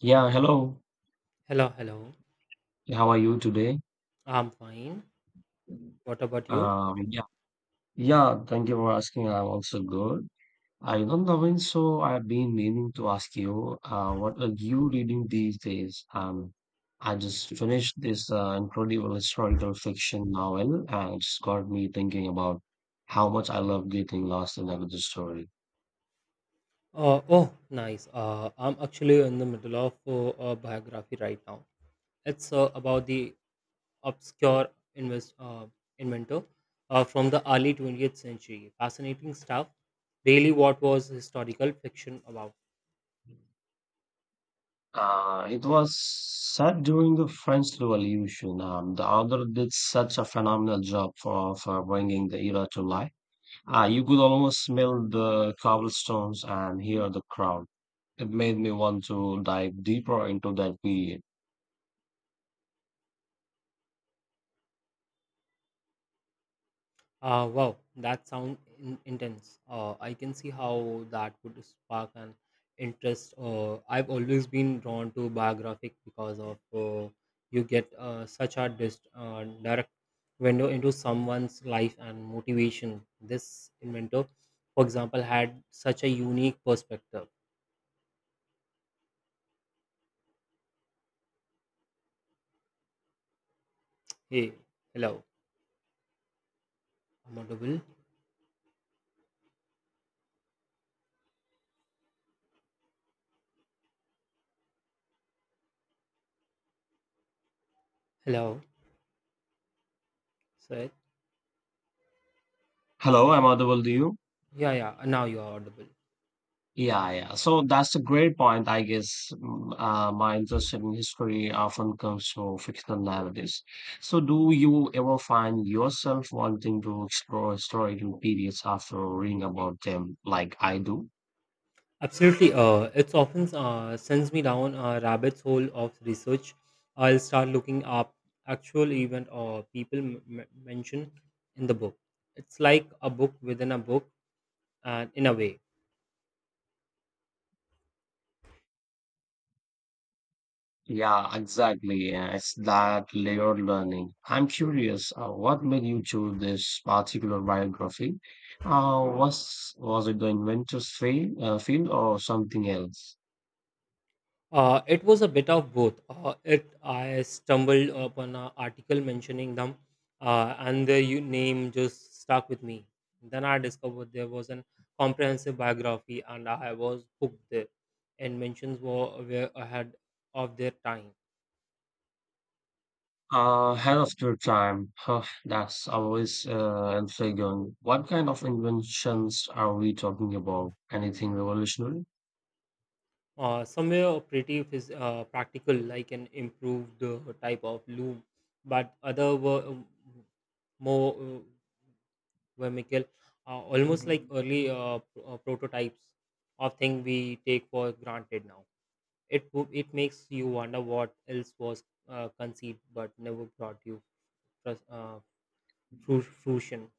Yeah, hello. Hello, hello. How are you today? I'm fine. What about you? Um, yeah, yeah, thank you for asking. I'm also good. I'm not knowing, so I've been meaning to ask you, what are you reading these days? I just finished this incredible historical fiction novel, and it's got me thinking about how much I love getting lost in a good story. Oh, nice. I'm actually in the middle of a biography right now. It's about the obscure invest, uh, inventor from the early 20th century. Fascinating stuff. Really, what was historical fiction about? It was set during the French Revolution. The author did such a phenomenal job for bringing the era to life. Ah, you could almost smell the cobblestones and hear the crowd. It made me want to dive deeper into that period. Wow, that sounds intense. I can see how that would spark an interest. I've always been drawn to biographic because of you get such a direct window into someone's life and motivation. This inventor, for example, had such a unique perspective. Hey, hello, I'm audible. Hello, sir. Hello, I'm audible to you. Yeah, yeah. Now you are audible. Yeah, yeah. So that's a great point. I guess my interest in history often comes from fictional narratives. So, do you ever find yourself wanting to explore historical periods after reading about them, like I do? Absolutely. It's often sends me down a rabbit's hole of research. I'll start looking up actual event or people mentioned in the book. It's like a book within a book, and in a way. Yeah, exactly. It's that layered learning. I'm curious, what made you choose this particular biography? Was it the inventor's field or something else? It was a bit of both. It I stumbled upon an article mentioning them, and the name just stuck with me. Then I discovered there was an comprehensive biography, and I was hooked there. And mentions were ahead of their time. Ahead of your time. Huh, that's always intriguing. What kind of inventions are we talking about? Anything revolutionary? Somewhere pretty practical, like an improved type of loom, but other were more. Were Michael, almost like early prototypes of thing we take for granted now. It makes you wonder what else was conceived but never brought you frus- uh, fruition.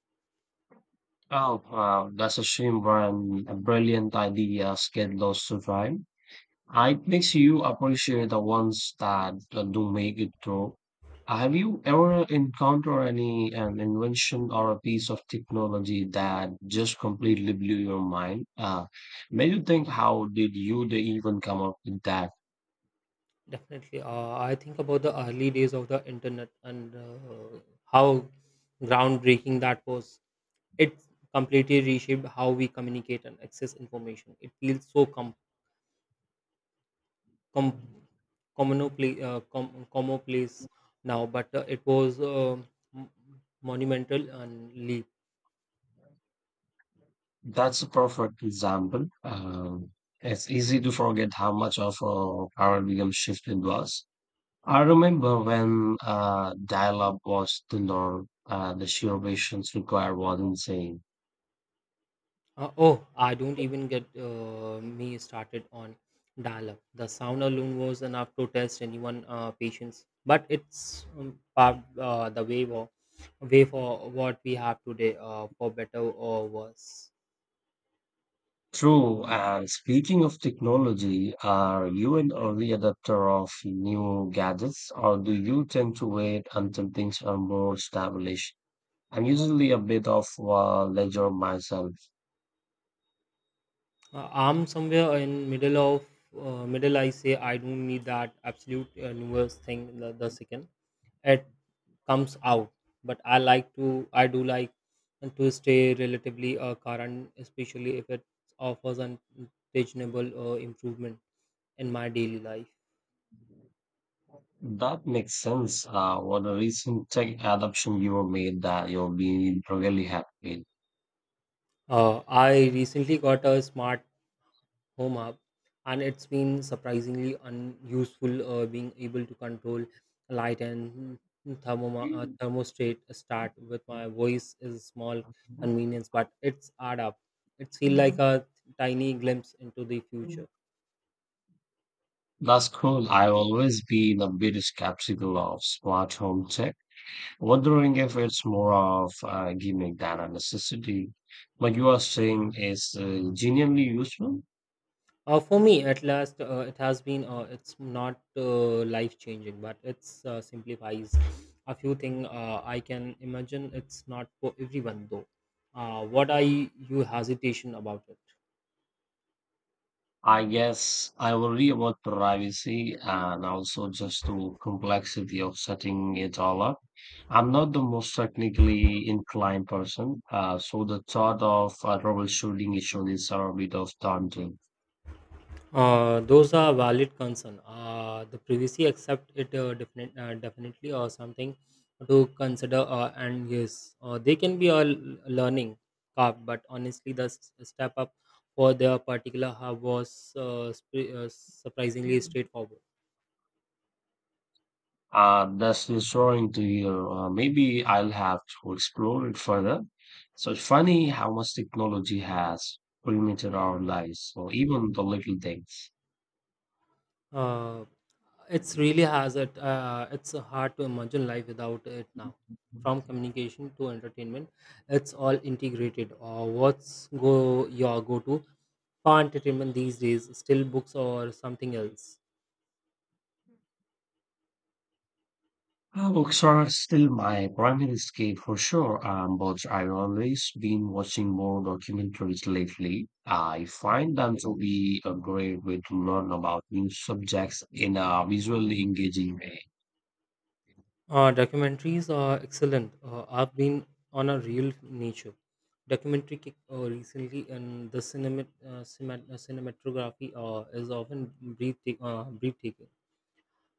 Oh, wow, that's a shame, Brian. A brilliant idea, get lost to time. It makes you appreciate the ones that do make it through. Have you ever encountered any an invention or a piece of technology that just completely blew your mind? Made you think, how did you they even come up with that? Definitely, I think about the early days of the internet and how groundbreaking that was. It completely reshaped how we communicate and access information. It feels so com- commonplace, commonplace now, but it was m- monumental and leap. That's a perfect example. It's easy to forget how much of a paradigm shift it was. I remember when dial-up was the norm, the sheer patience required was insane. Oh, I don't even get me started on dial-up. The sound alone was enough to test anyone' patience. But it's paved the way for way for what we have today, for better or worse. True. And speaking of technology, are you an early adopter of new gadgets, or do you tend to wait until things are more established? I'm usually a bit of a ledger myself. I'm somewhere in middle of middle. I say I don't need that absolute newest thing. The second it comes out, but I like to. I do like to stay relatively current, especially if it offers an reasonable improvement in my daily life. That makes sense. What a recent tech adoption you made that you'll be really happy I recently got a smart home hub, and it's been surprisingly unuseful. Being able to control light and with. thermostat start with my voice is a small convenience, but it's add up. It feels like a tiny glimpse into the future. That's cool. I've always been a bit skeptical of smart home tech, wondering if it's more of a gimmick than a necessity, but you are saying it's genuinely useful. For me, at last, it has been. It's not life changing, but it's simplifies a few things. I can imagine it's not for everyone though. What are you hesitation about it? I guess I worry about privacy and also just the complexity of setting it all up. I'm not the most technically inclined person, so the thought of troubleshooting issues is a bit of daunting. Those are valid concern. The privacy, except it definitely or something to consider. And yes, they can be a learning curve, but honestly, the step up for their particular hub was surprisingly straightforward. That's reassuring to hear. Maybe I'll have to explore it further. So it's funny how much technology has permeated our lives, or even the little things. Uh, it's really has it. It's hard to imagine life without it now. From communication to entertainment, it's all integrated. What's go your go-to for entertainment these days? Still books or something else? Ah, books are still my primary escape for sure, but I've always been watching more documentaries lately. I find them to be a great way to learn about new subjects in a visually engaging way. Documentaries are excellent. I've been on a real nature documentary kick recently, and the cinematography is often breathtaking,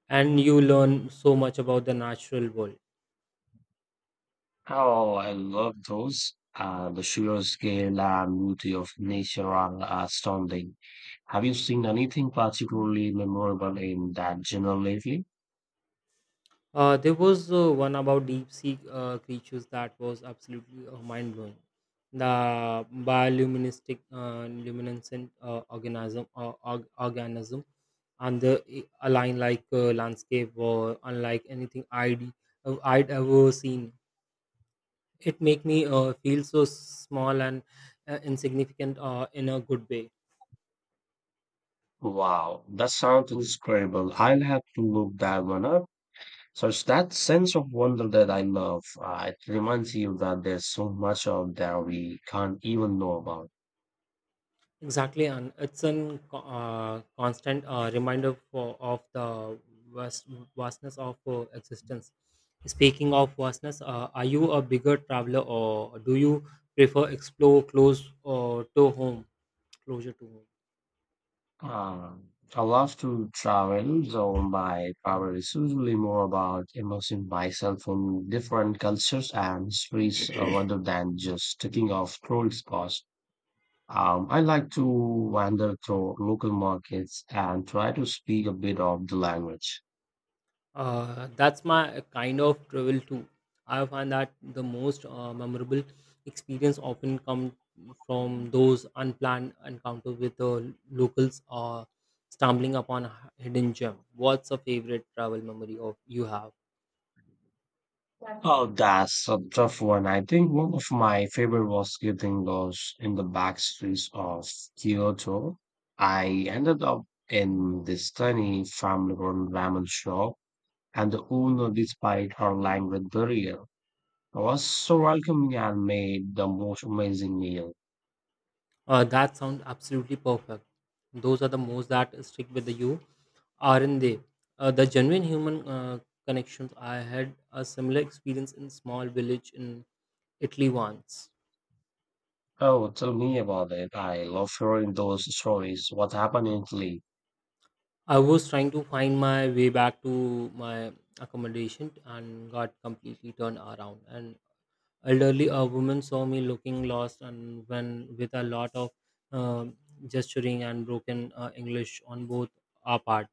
and you learn so much about the natural world. Oh, I love those. The sheer scale and beauty of nature are astounding. Have you seen anything particularly memorable in that genre lately? There was one about deep sea creatures that was absolutely mind blowing. The bioluminescent luminescent organism and the align like landscape or unlike anything I'd ever seen. It make me feel so small and insignificant in a good way. Wow, that sounds incredible. I'll have to look that one up. So it's that sense of wonder that I love. It reminds you that there's so much out there we can't even know about. Exactly, and it's an constant reminder of the vast, vastness of existence. Speaking of vastness, are you a bigger traveler or do you prefer explore close closer to home? Uh, I love to travel, so my travel is usually more about immersing myself in different cultures and histories rather than just ticking off tourist spots. I like to wander through local markets and try to speak a bit of the language. That's my kind of travel too. I find that the most memorable experience often come from those unplanned encounters with the locals or stumbling upon a hidden gem. What's a favorite travel memory of you have? Oh, that's a tough one. I think one of my favorite was getting lost in the back streets of Kyoto. I ended up in this tiny family-run ramen shop, and the owner, despite her language barrier, was so welcoming and made the most amazing meal. That sounds absolutely perfect. Those are the most that stick with you, aren't they? The genuine human connections. I had a similar experience in small village in Italy once. Oh, tell me about it. I love hearing those stories. What happened in Italy? I was trying to find my way back to my accommodation and got completely turned around. An elderly a woman saw me looking lost and when with a lot of um gesturing and broken English on both our part,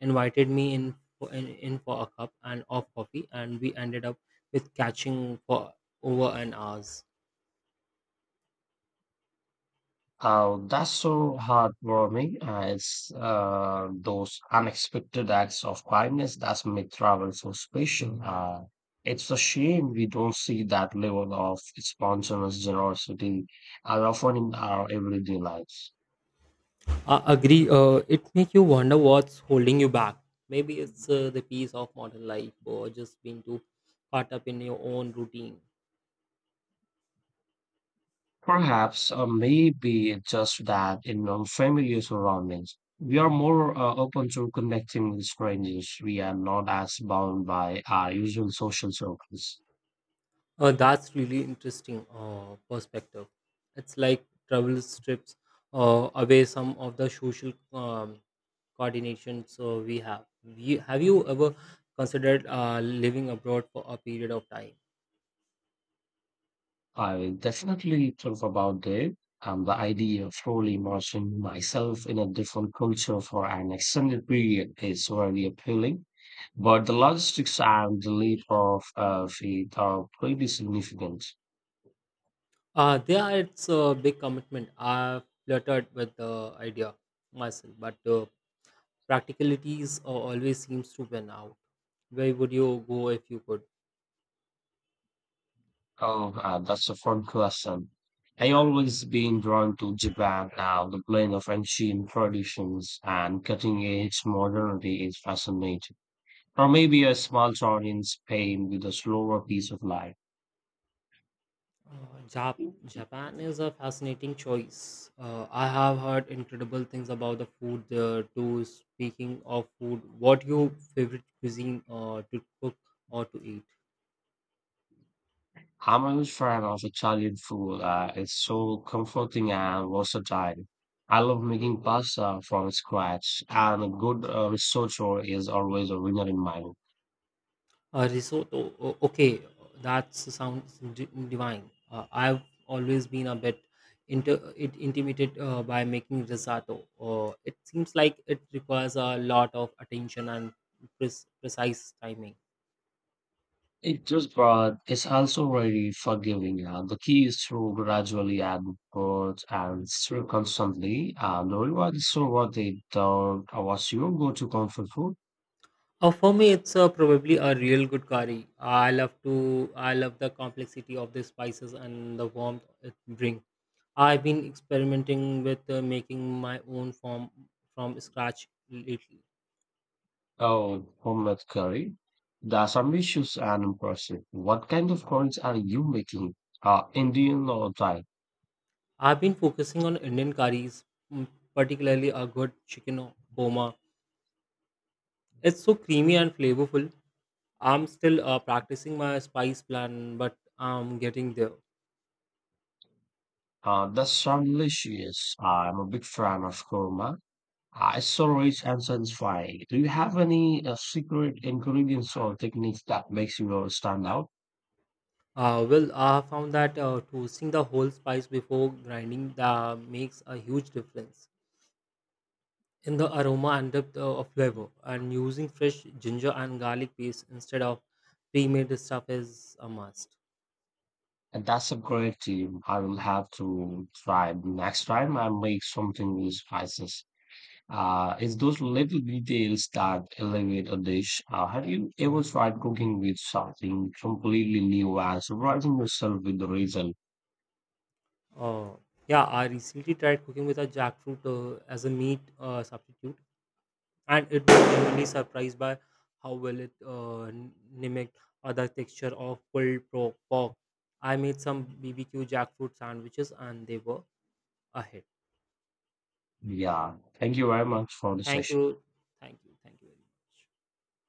invited me in for a cup and of coffee, and we ended up with catching for over an hour. Oh, that's so heartwarming. It's those unexpected acts of kindness that make travel so special. It's a shame we don't see that level of spontaneous generosity as often in our everyday lives. I agree. It makes you wonder what's holding you back. Maybe it's the peace of modern life or just being too caught up in your own routine. Perhaps, maybe it's just that in unfamiliar surroundings, we are more open to connecting with strangers. We are not as bound by our usual social circles. That's really interesting perspective. It's like travel strips away some of the social coordination so we have. Have you ever considered living abroad for a period of time? I will definitely talk about it. The idea of fully immersing myself in a different culture for an extended period is very appealing, but the logistics and the leap of faith are pretty significant. There it's a big commitment. I flirted with the idea myself, but practicalities always seems to win out. Where would you go if you could? Oh, that's a fun question. I always been drawn to Japan now. The blend of ancient traditions and cutting edge modernity is fascinating. Or maybe a small town in Spain with a slower pace of life. Japan is a fascinating choice. I have heard incredible things about the food there too. Speaking of food, what your favorite cuisine to cook or to eat? I'm a huge fan of Italian food. It's so comforting and versatile. I love making pasta from scratch, and a good risotto is always a winner in my book. Risotto. Okay, that sounds divine. I've always been a bit inter- it intimidated by making risotto. It seems like it requires a lot of attention and precise timing. It just, but it's also very forgiving. The key is to gradually add words and stir constantly. And the reward is so worth it. What's your go-to comfort food? For me, it's probably a real good curry. I love to. I love the complexity of the spices and the warmth it brings. I've been experimenting with making my own form from scratch lately. Oh, homemade curry. The Assamese dishes are impressive. What kind of curries are you making? Indian or Thai? I've been focusing on Indian curries, mm, particularly a good chicken korma. It's so creamy and flavorful. I'm still practicing my spice plan, but I'm getting there. That's sounds delicious. I'm a big fan of korma. It's so rich and satisfying. Do you have any secret ingredients or techniques that makes you stand out? Well, I have found that toasting the whole spice before grinding that makes a huge difference in the aroma and depth of flavor. And using fresh ginger and garlic paste instead of pre-made stuff is a must. And that's a great team. I will have to try next time I make something with spices. It's those little details that elevate a dish. Have you ever tried cooking with something completely new and surprising yourself with the result? Uh, yeah, I recently tried cooking with a jackfruit as a meat substitute, and it was genuinely surprised by how well it mimicked other texture of pulled pork. I made some BBQ jackfruit sandwiches, and they were a hit. Yeah. Thank you very much for the Thank session. you, thank you, thank you very much.